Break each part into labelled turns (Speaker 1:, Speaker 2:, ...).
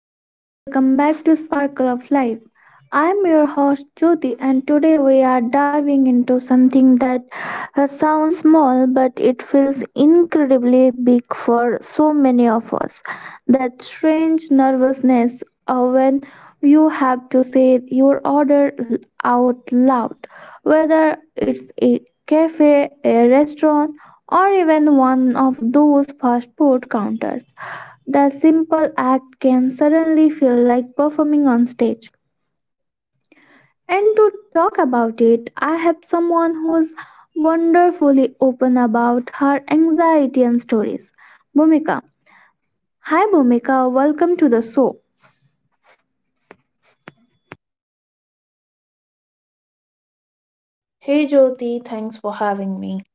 Speaker 1: Hello and welcome back to Sparkle of Life. I am your host Jyoti, and today we are diving into something that sounds small but it feels incredibly big for so many of us. That strange nervousness when you have to say your out loud, whether it's a cafe, a restaurant, or even one of those fast food counters. The simple act can suddenly feel like performing on stage. And to talk about it, I have someone who's wonderfully open about her anxiety and stories. Bhumika. Hi Bhumika, welcome to the show.
Speaker 2: Hey Jyoti, thanks for having me.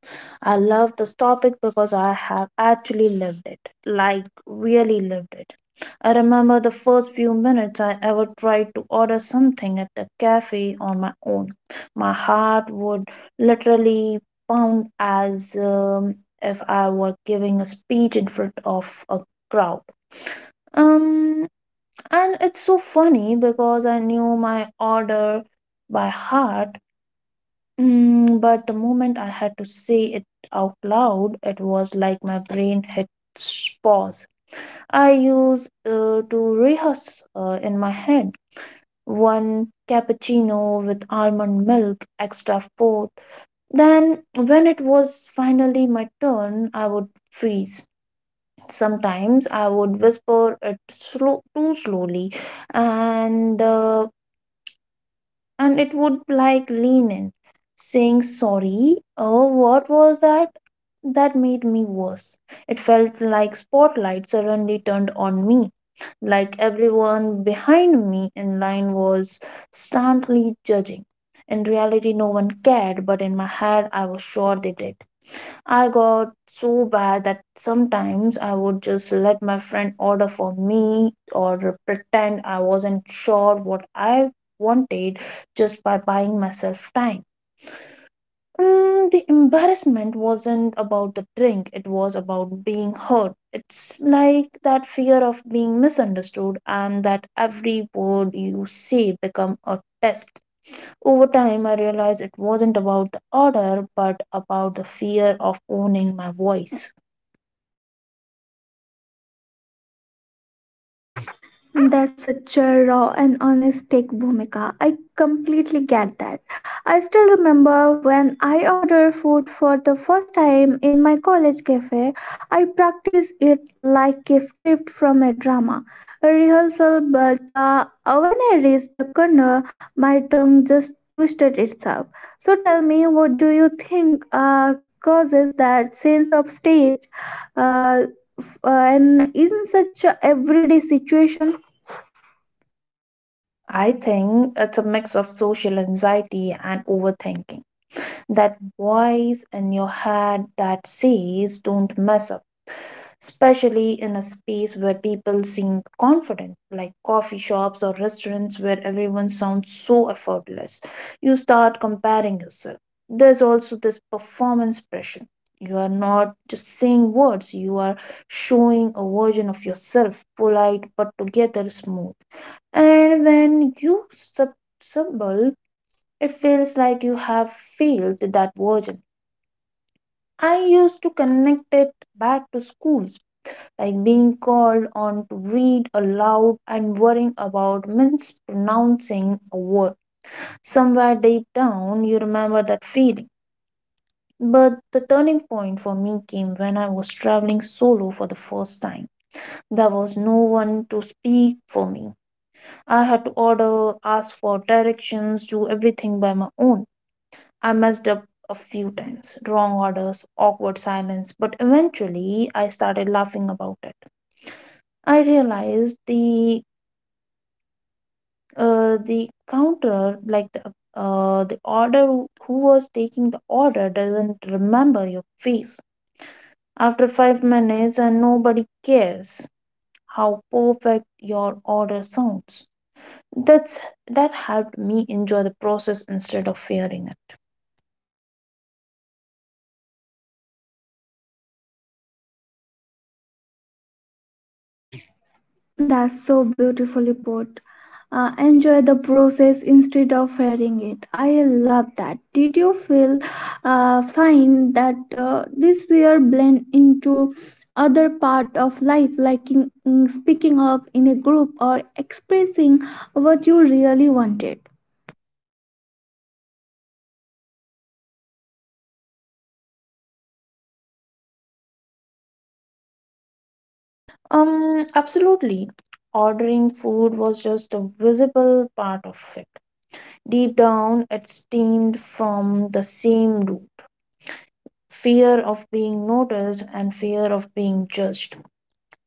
Speaker 2: I love this topic because I have actually lived it. Like, really lived it. I remember the first few minutes I ever tried to order something at the cafe on my own. My heart would literally pound as if I were giving a speech in front of a crowd. Um, and it's so funny because I knew my order by heart. But the moment I had to say it out loud, it was like my brain hit pause. I used to rehearse in my head, one cappuccino with almond milk, extra fourth. Then, when it was finally my turn, I would freeze. Sometimes I would whisper it slow, too slowly, and the and it would like lean in, saying, "Sorry, oh, what was that?" That made me worse. It felt like spotlight suddenly turned on me, like everyone behind me in line was stantly judging. In reality, no one cared, but in my head, I was sure they did. I got so bad that sometimes I would just let my friend order for me or pretend I wasn't sure what I wanted just by buying myself time. The embarrassment wasn't about the drink, it was about being hurt. It's like that fear of being misunderstood and that every word you say become a test. Over time, I realized it wasn't about the order, but about the fear of owning my voice.
Speaker 1: That's such a raw and honest take, Bhumika. I completely get that. I still remember when I ordered food for the first time in my college cafe, I practiced it like a script from a drama, a rehearsal, but when I reached the corner, my tongue just twisted itself. So tell me, what do you think causes that sense of stage uh, and in such a everyday situation?
Speaker 2: I think it's a mix of social anxiety and overthinking. That voice in your head that says, don't mess up, especially in a space where people seem confident, like coffee shops or restaurants where everyone sounds so effortless. You start comparing yourself. There's also this performance pressure. You are not just saying words, you are showing a version of yourself, polite but together smooth. And when you stumble, it feels like you have failed that version. I used to connect it back to schools, like being called on to read aloud and worrying about mispronouncing a word. Somewhere deep down, you remember that feeling. But the turning point for me came when I was traveling solo for the first time. There was no one to speak for me. I had to order, ask for directions, do everything by my own. I messed up a few times, wrong orders, awkward silence, but eventually I started laughing about it. I realized the counter, like the order who was taking the order doesn't remember your face. After 5 minutes, and nobody cares how perfect your order sounds. That's that helped me enjoy the process instead of fearing it.
Speaker 1: That's so beautifully put. Enjoy the process instead of fearing it. I love that. Did you feel find that this fear blend into other part of life, like in speaking up in a group or expressing what you really wanted?
Speaker 2: Absolutely. Ordering food was just a visible part of it. Deep down, it stemmed from the same root fear of being noticed and fear of being judged.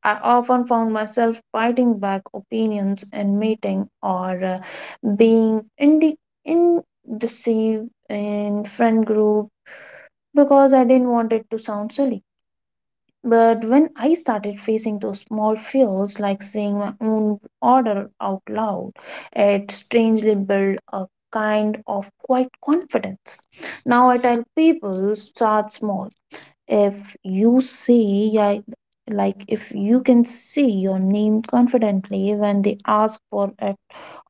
Speaker 2: I often found myself fighting back opinions in meeting or being indecisive in friend group because I didn't want it to sound silly. But when I started facing those small fears, like saying my own order out loud, it strangely built a kind of quiet confidence. Now I tell people start small. If you see, Yeah, like if you can see your name confidently when they ask for it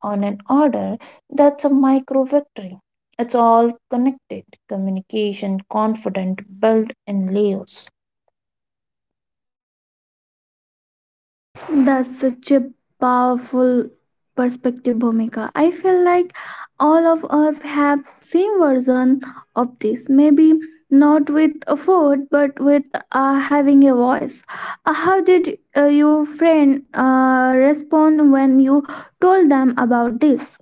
Speaker 2: on an order, that's a micro victory. It's all connected. Communication, confident, built in layers.
Speaker 1: That's such a powerful perspective, Bhumika. I feel like all of us have same version of this. Maybe not with a food, but with having a voice. How did your friend respond when you told them about this?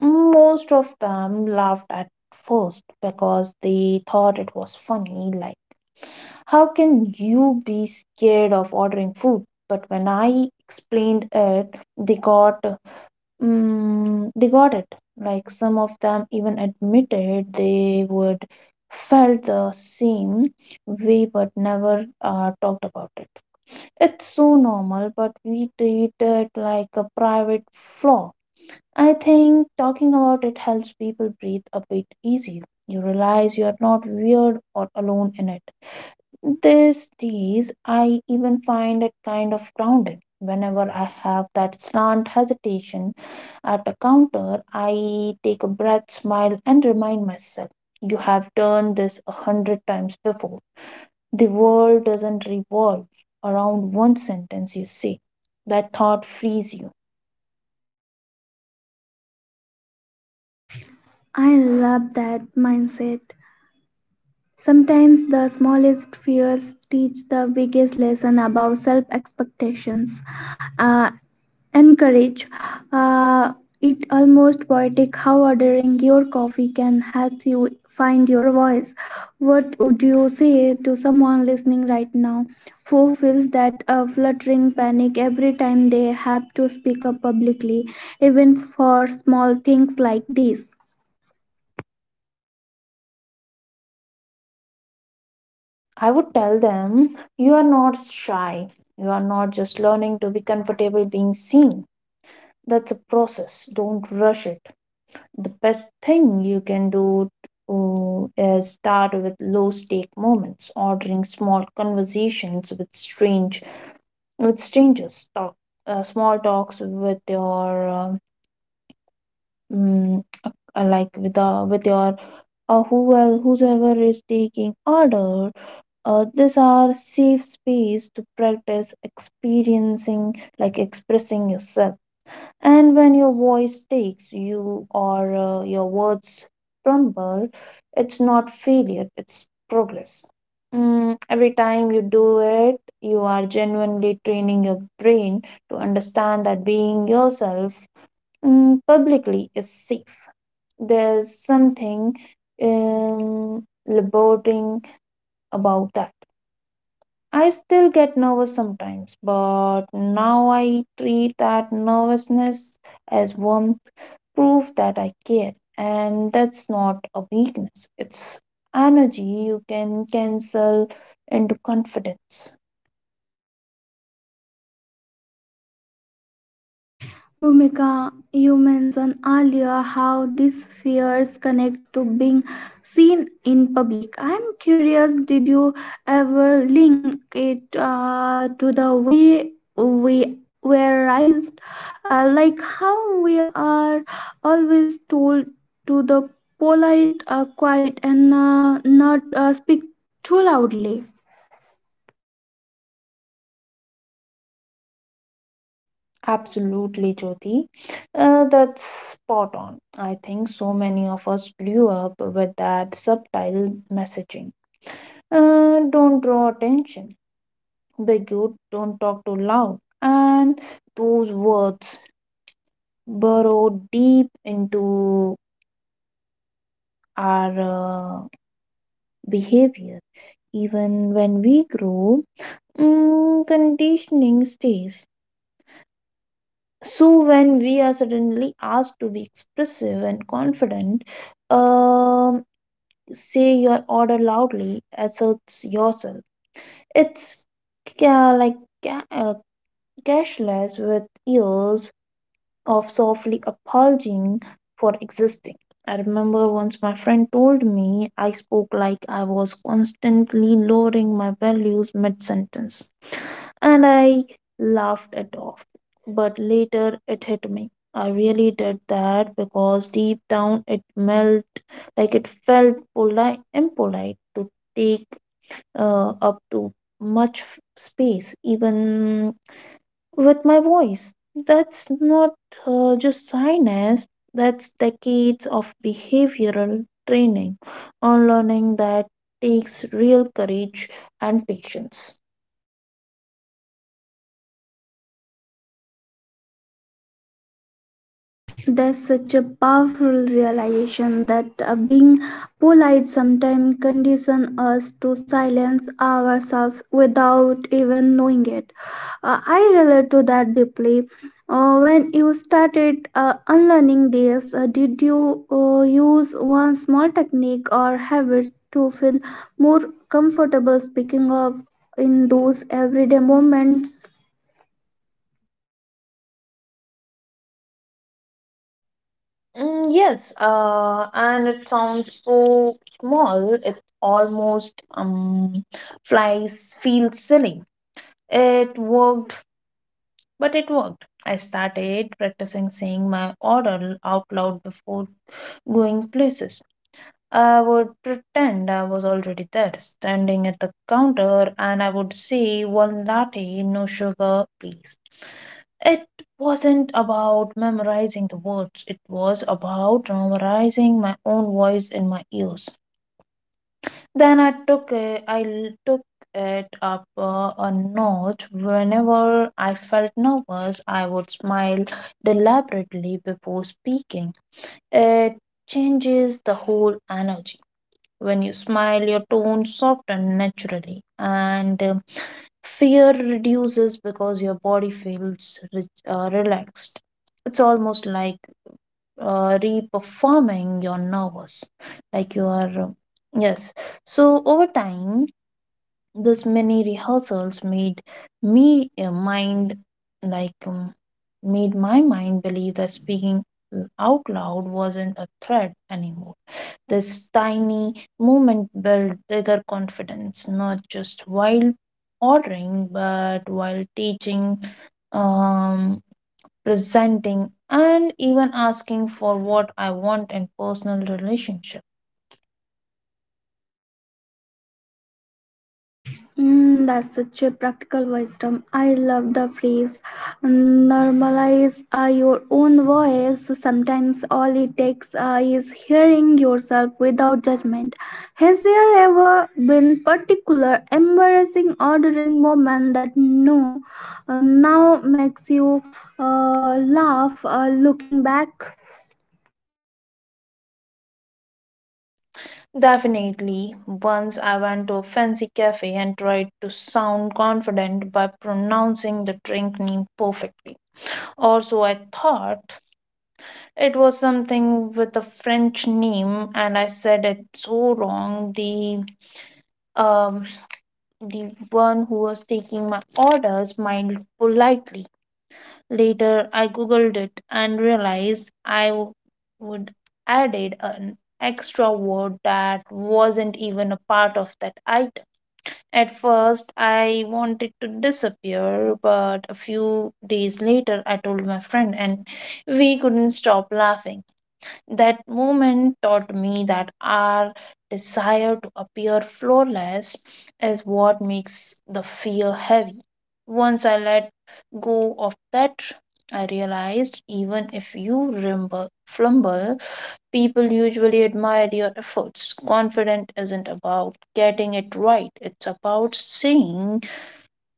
Speaker 2: Most of them laughed at first because they thought it was funny, like, how can you be scared of ordering food? But when I explained it, they got it. Like some of them even admitted they would felt the same way but never talked about it. It's so normal, but we treat it like a private flaw. I think talking about it helps people breathe a bit easier. You realize you are not weird or alone in it. These days, I even find it kind of grounding. Whenever I have that slant hesitation at a counter, I take a breath, smile, and remind myself, you have done this a hundred times before. The world doesn't revolve around one sentence you say. That thought frees you.
Speaker 1: I love that mindset. Sometimes the smallest fears teach the biggest lesson about self expectations. Uh, and courage. Uh, it almost poetic how ordering your coffee can help you find your voice. What would you say to someone listening right now who feels that a fluttering panic every time they have to speak up publicly, even for small things like this?
Speaker 2: I would tell them, you are not shy. You are not just learning to be comfortable being seen. That's a process. Don't rush it. The best thing you can do uh, is start with low stake moments, ordering small conversations with strangers, talk small talks with your mm, with your whoever whosoever is taking order, these are safe space to practice experiencing, like expressing yourself. And when your voice takes you, or your words crumble, it's not failure, it's progress. Every time you do it, you are genuinely training your brain to understand that being yourself, publicly, is safe. There's something liberating about that. I still get nervous sometimes, but now I treat that nervousness as warmth, proof that I care. And that's not a weakness, it's energy you can cancel into confidence.
Speaker 1: Bhumika, you mentioned earlier how these fears connect to being seen in public. I'm curious, did you ever link it to the way we were raised? Like how we are always told to the polite, quiet, and not speak too loudly.
Speaker 2: Absolutely, Jyoti. That's spot on. I think so many of us grew up with that subtitle messaging. Don't draw attention. Big you don't talk too loud. And those words burrow deep into our behavior. Even when we grow, conditioning stays. So when we are suddenly asked to be expressive and confident, um, say your order loudly, asserts yourself. It's ca- like ca- uh, cashless with ears of softly apologizing for existing. I remember once my friend told me I spoke like I was constantly lowering my values mid sentence, and I laughed it off. But later it hit me. I really did that because deep down it melt like it felt polite, impolite to take up too much space, even with my voice. That's not just shyness, that's decades of behavioral training on learning that takes real courage and patience.
Speaker 1: That's such a powerful realization that being polite sometimes conditions us to silence ourselves without even knowing it. I relate to that deeply. When you started unlearning this, did you use one small technique or habit to feel more comfortable speaking up in those everyday moments?
Speaker 2: Yes, and it sounds so small, it almost feels silly. It worked, but it worked. I started practicing saying my order out loud before going places. I would pretend I was already there, standing at the counter, and I would say, one latte, no sugar, please. It wasn't about memorizing the words, it was about memorizing my own voice in my ears. Then I took it, I l- took it up a notch. Whenever I felt nervous, I would smile deliberately before speaking. It changes the whole energy. When you smile, your tone softens naturally, and fear reduces because your body feels relaxed. It's almost like reperforming your nervous, like you are. Yes. So over time, this many rehearsals made me mind like made my mind believe that speaking out loud wasn't a threat anymore. This tiny movement built bigger confidence, not just while ordering, but while teaching, um, presenting, and even asking for what I want in personal relationships.
Speaker 1: Mm, that's such a practical wisdom. I love the phrase normalize your own voice. Sometimes all it takes is hearing yourself without judgment. Has there ever been particular embarrassing ordering moment that no now makes you laugh looking back?
Speaker 2: Definitely. Once I went to a fancy cafe and tried to sound confident by pronouncing the drink name perfectly. Also, I thought it was something with a French name and I said it so wrong. Um the one who was taking my orders smiled politely. Later, I googled it and realized would added an extra word that wasn't even a part of that item. At first, I wanted to disappear, but a few days later, I told my friend, and we couldn't stop laughing. That moment taught me that our desire to appear flawless is what makes the fear heavy. Once I let go of that, I realized even if you rumble, flumble, people usually admire your efforts. Confident isn't about getting it right. It's about seeing,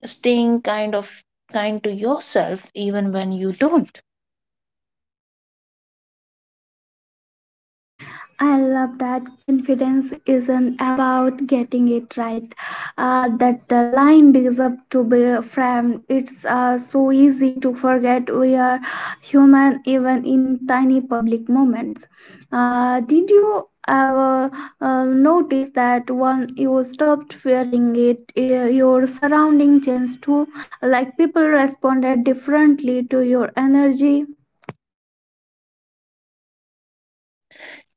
Speaker 2: staying kind to yourself even when you don't.
Speaker 1: I love that confidence isn't about getting it right, that the line is up to be framed. It's so easy to forget we are human even in tiny public moments. Did you ever notice that when you stopped fearing it, your surrounding changed too? Like people responded differently to your energy?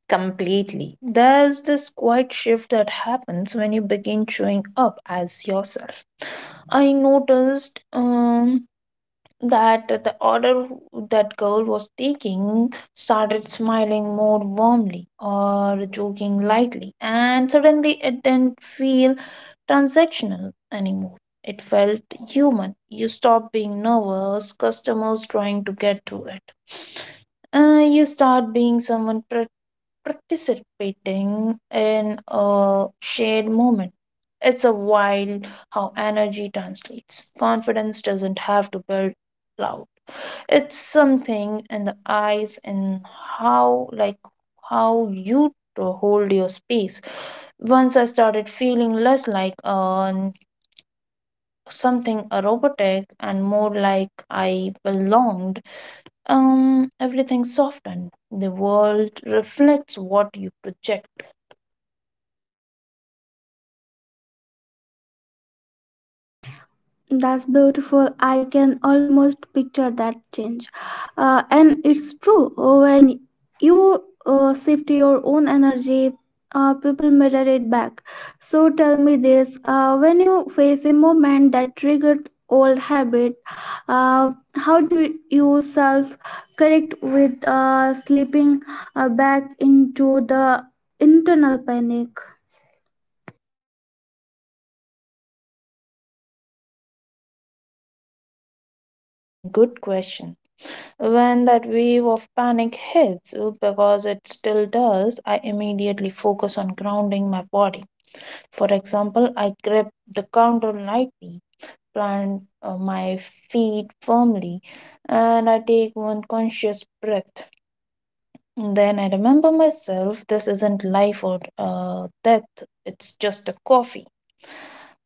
Speaker 2: Completely. There's this quiet shift that happens when you begin showing up as yourself. I noticed that the order that girl was taking started smiling more warmly or joking lightly, and suddenly it didn't feel transactional anymore. It felt human. You stop being nervous, customers trying to get to it. You start being someone participating in a shared moment. It's a wild how energy translates. Confidence doesn't have to build loud. It's something in the eyes and how like how you to hold your space. Once I started feeling less like something a robotic and more like I belonged, everything softened. The world reflects what you project.
Speaker 1: That's beautiful. I can almost picture that change. And it's true. When you shift your own energy, people mirror it back. So tell me this when you face a moment that triggered old habit, uh, how do you self correct with slipping back into the internal panic?
Speaker 2: Good question. When that wave of panic hits, because it still does, I immediately focus on grounding my body. For example, I grip the counter lightly, plant my feet firmly, and I take one conscious breath. And then I remember myself, this isn't life or death, it's just a coffee.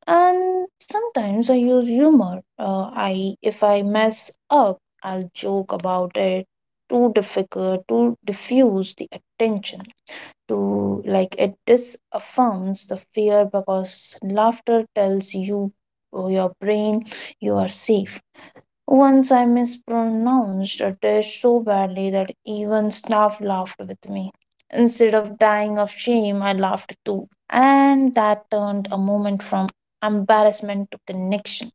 Speaker 2: And sometimes I use humor. I if I mess up, I'll joke about it too difficult to diffuse the attention. To like it disaffirms the fear because laughter tells you or your brain you are safe. Once I mispronounced a dish so badly that even staff laughed with me. Instead of dying of shame, I laughed too. And that turned a moment from embarrassment to connection.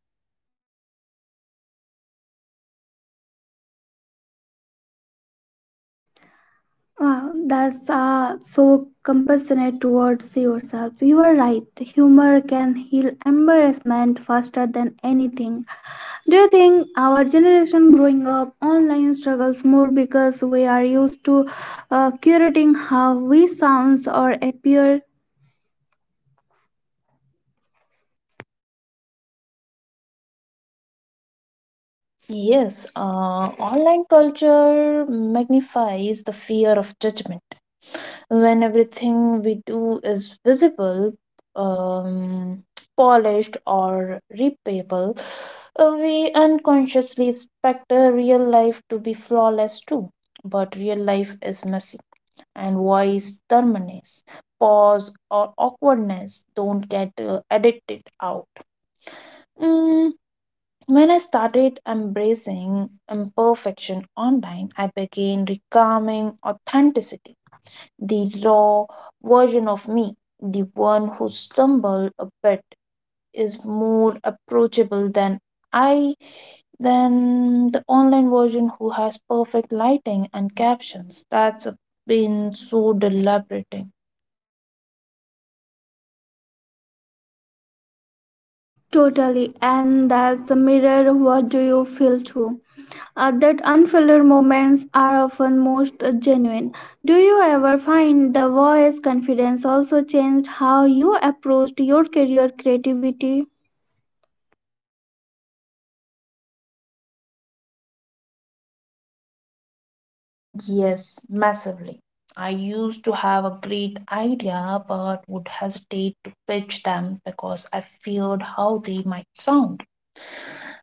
Speaker 1: Wow, that's so compassionate towards yourself. You are right. Humor can heal embarrassment faster than anything. Do you think our generation growing up online struggles more because we are used to curating how we sounds or appear
Speaker 2: Yes, online culture magnifies the fear of judgment. When everything we do is visible, um, polished, or repayable, we unconsciously expect real life to be flawless too. But real life is messy, and voice terminus pause or awkwardness don't get edited out. Mm, when I started embracing imperfection online, I began reclaiming authenticity, the raw version of me, the one who stumbled a bit, is more approachable than I than the online version who has perfect lighting and captions. That's been so deliberating.
Speaker 1: totally, and that's a mirror? What do you feel too? That unfiltered moments are often most genuine. Do you ever find the voice confidence also changed how you approached your career creativity?
Speaker 2: Yes, massively. I used to have a great idea but would hesitate to pitch them because I feared how they might sound.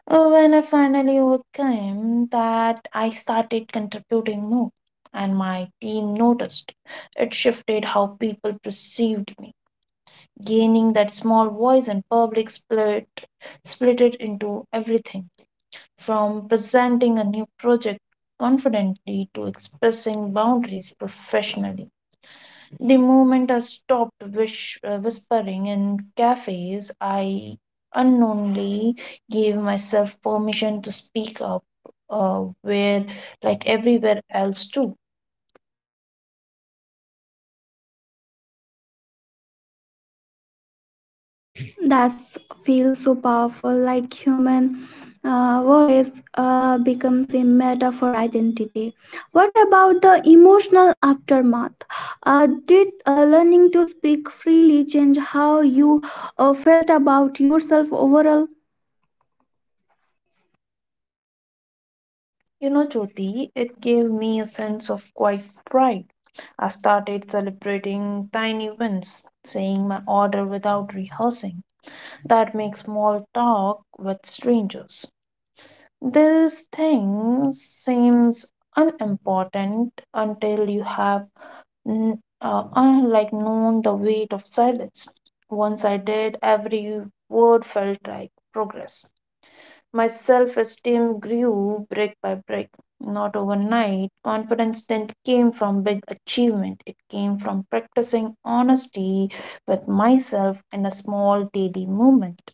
Speaker 2: When I finally overcame that, I started contributing more, and my team noticed. It shifted how people perceived me, gaining that small voice and public split, split it into everything from presenting a new project confidently to expressing boundaries professionally. The moment I stopped whispering in cafes, I unknowingly gave myself permission to speak up where, like everywhere else, too.
Speaker 1: That feels so powerful, like human voice becomes a metaphor for identity. What about the emotional aftermath? Did learning to speak freely change how you felt about yourself overall?
Speaker 2: You know, Jyoti, it gave me a sense of quite pride. I started celebrating tiny wins, saying my order without rehearsing. That makes small talk with strangers. This thing seems unimportant until you have like known the weight of silence. Once I did, every word felt like progress. My self esteem grew brick by brick, not overnight. Confidence didn't came from big achievement, it came from practicing honesty with myself in a small daily moment.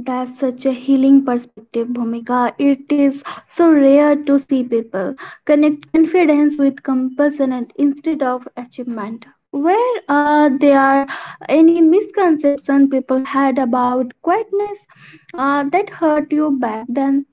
Speaker 1: That's such a healing perspective, Bhumika. It is so rare to see people connect confidence with compassion and instead of achievement. Where there are any misconception people had about quietness that hurt you back then?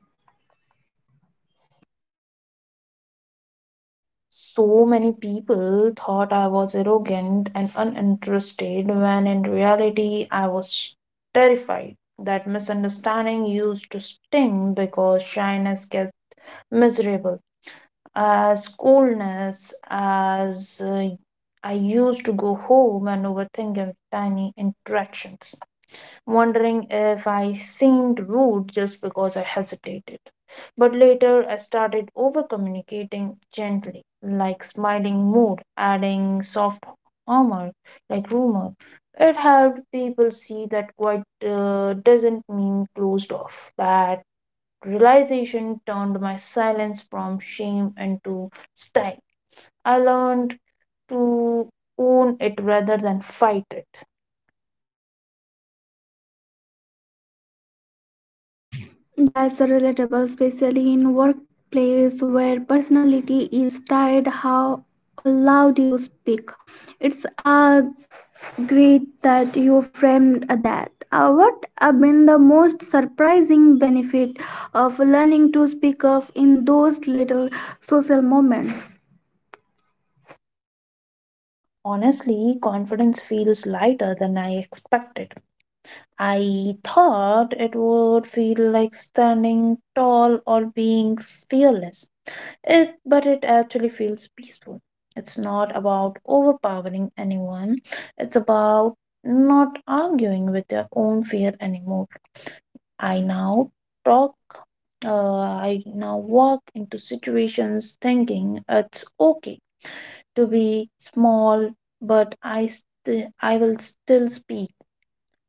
Speaker 2: So many people thought I was arrogant and uninterested when in reality I was terrified. That misunderstanding used to sting because shyness gets miserable. As coolness, as I used to go home and overthink every tiny interactions, wondering if I seemed rude just because I hesitated. But later I started over communicating gently, like smiling mood, adding soft armor, like rumor. It helped people see that quite doesn't mean closed off. That realization turned my silence from shame into style. I learned to own it rather than fight it.
Speaker 1: That's relatable, especially in workplace where personality is tied how loud you speak. It's great that you framed that. What have been the most surprising benefit of learning to speak up in those little social moments?
Speaker 2: Honestly, confidence feels lighter than I expected. I thought it would feel like standing tall or being fearless. It, but it actually feels peaceful. It's not about overpowering anyone. It's about not arguing with their own fear anymore. I now talk. Uh, I now walk into situations thinking it's okay to be small, but I will still speak.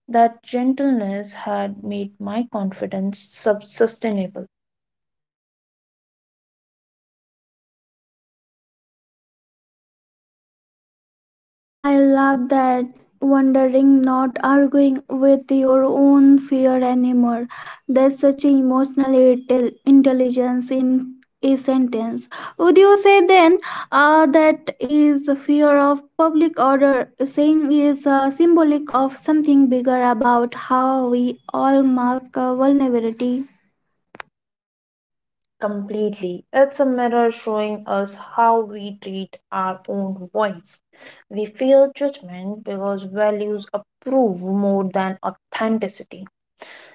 Speaker 2: That gentleness had made my confidence sustainable
Speaker 1: I love that wondering, not arguing with your own fear anymore. That's such emotional intelligence in a sentence. Would you say then that is fear of public order? Saying is symbolic of something bigger about how we all mask our vulnerability.
Speaker 2: completely. It's a mirror showing us how we treat our own voice. We fear judgment because values approve more than authenticity.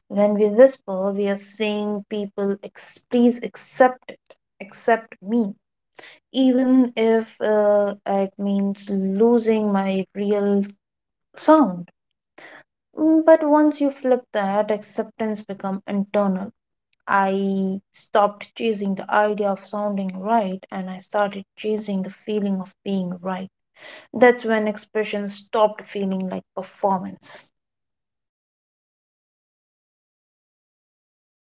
Speaker 2: When we whisper, we are saying please accept it, accept me, even if it means losing my real sound. But once you flip that, acceptance become internal. I stopped chasing the idea of sounding right and I started chasing the feeling of being right. That's when expression stopped feeling like performance.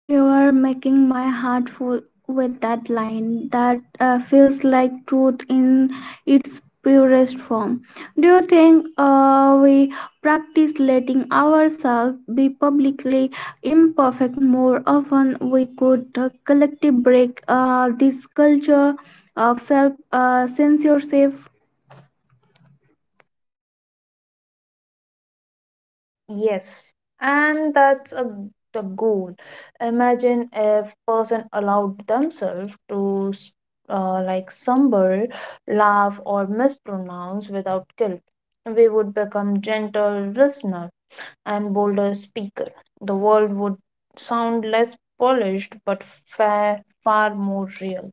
Speaker 1: You are making my heart full with that line that feels like truth in its purest form. Do you think we practice letting ourselves be publicly imperfect more often? We could collectively break this culture of self censorship.
Speaker 2: Yes, and that's a, the goal. Imagine if person allowed themselves to like stumble, laugh, or mispronounce without guilt. We would become gentle listener and bolder speaker. The world would sound less polished but fair, far more real.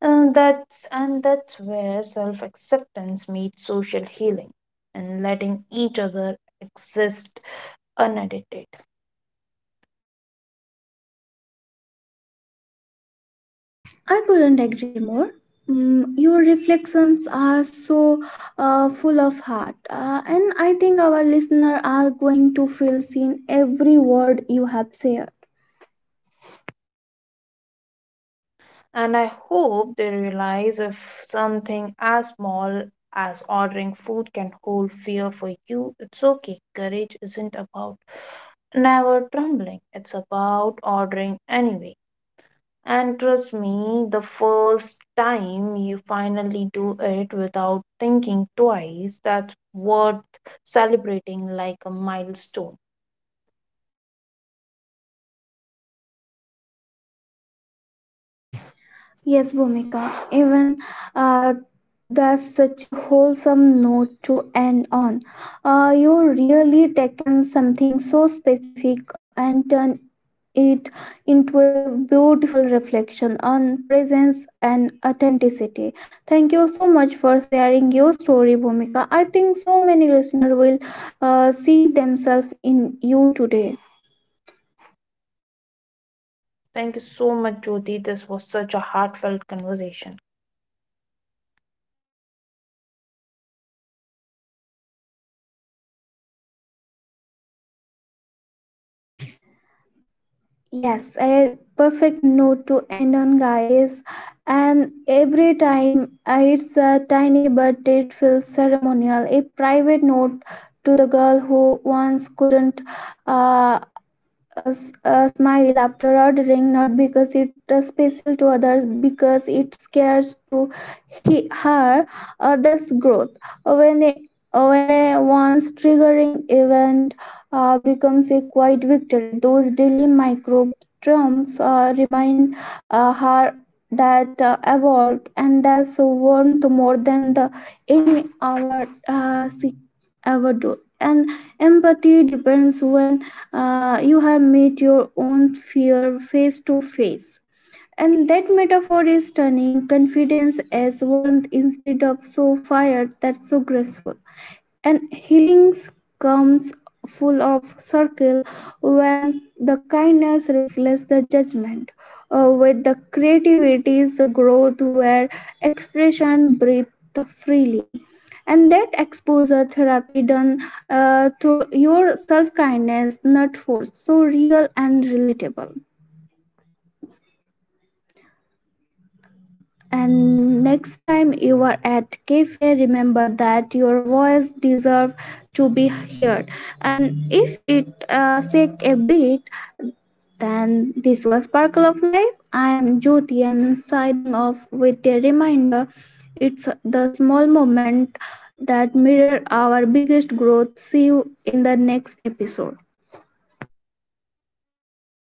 Speaker 2: And that's where self-acceptance meets social healing and letting each other exist unedited.
Speaker 1: I couldn't agree more. Mm, your reflections are so full of heart, and I think our listener are going to feel seen every word you have shared.
Speaker 2: And I hope they realize if something as small as ordering food can hold fear for you, it's okay. Courage isn't about never trembling, it's about ordering anyway. And trust me, the first time you finally do it without thinking twice, that's worth celebrating like a milestone.
Speaker 1: Yes, Bhumika, even uh, that's such a wholesome note to end on. You really taken something so specific and turned it into a beautiful reflection on presence and authenticity. Thank you so much for sharing your story, Bhumika. I think so many listeners will see themselves in you today.
Speaker 2: Thank you so much, Jyoti. This was such a heartfelt conversation.
Speaker 1: Yes, a perfect note to end on, guys. And every time it's a tiny but it feels ceremonial, a private note to the girl who once couldn't uh, a smile after ordering not because it's special to others because it scares to her that's growth when a, when a once triggering event becomes a quiet victory those daily micro trumps remind her that evolved and that's worth more than the any our she ever do and empathy depends when you have met your own fear face to face. And that metaphor is turning confidence as warmth instead of so fired that's so graceful and healing comes full of circle when the kindness reflects the judgment. With the creativity's growth where expression breathes freely and that exposure therapy done to your self kindness not forced so real and relatable. And next time you are at cafe, remember that your voice deserves to be heard. And if it shake a bit, then this was Sparkle of Life. I am Jyoti and signing off with a reminder. It's the small moment that mirror our biggest growth. See you in the next episode.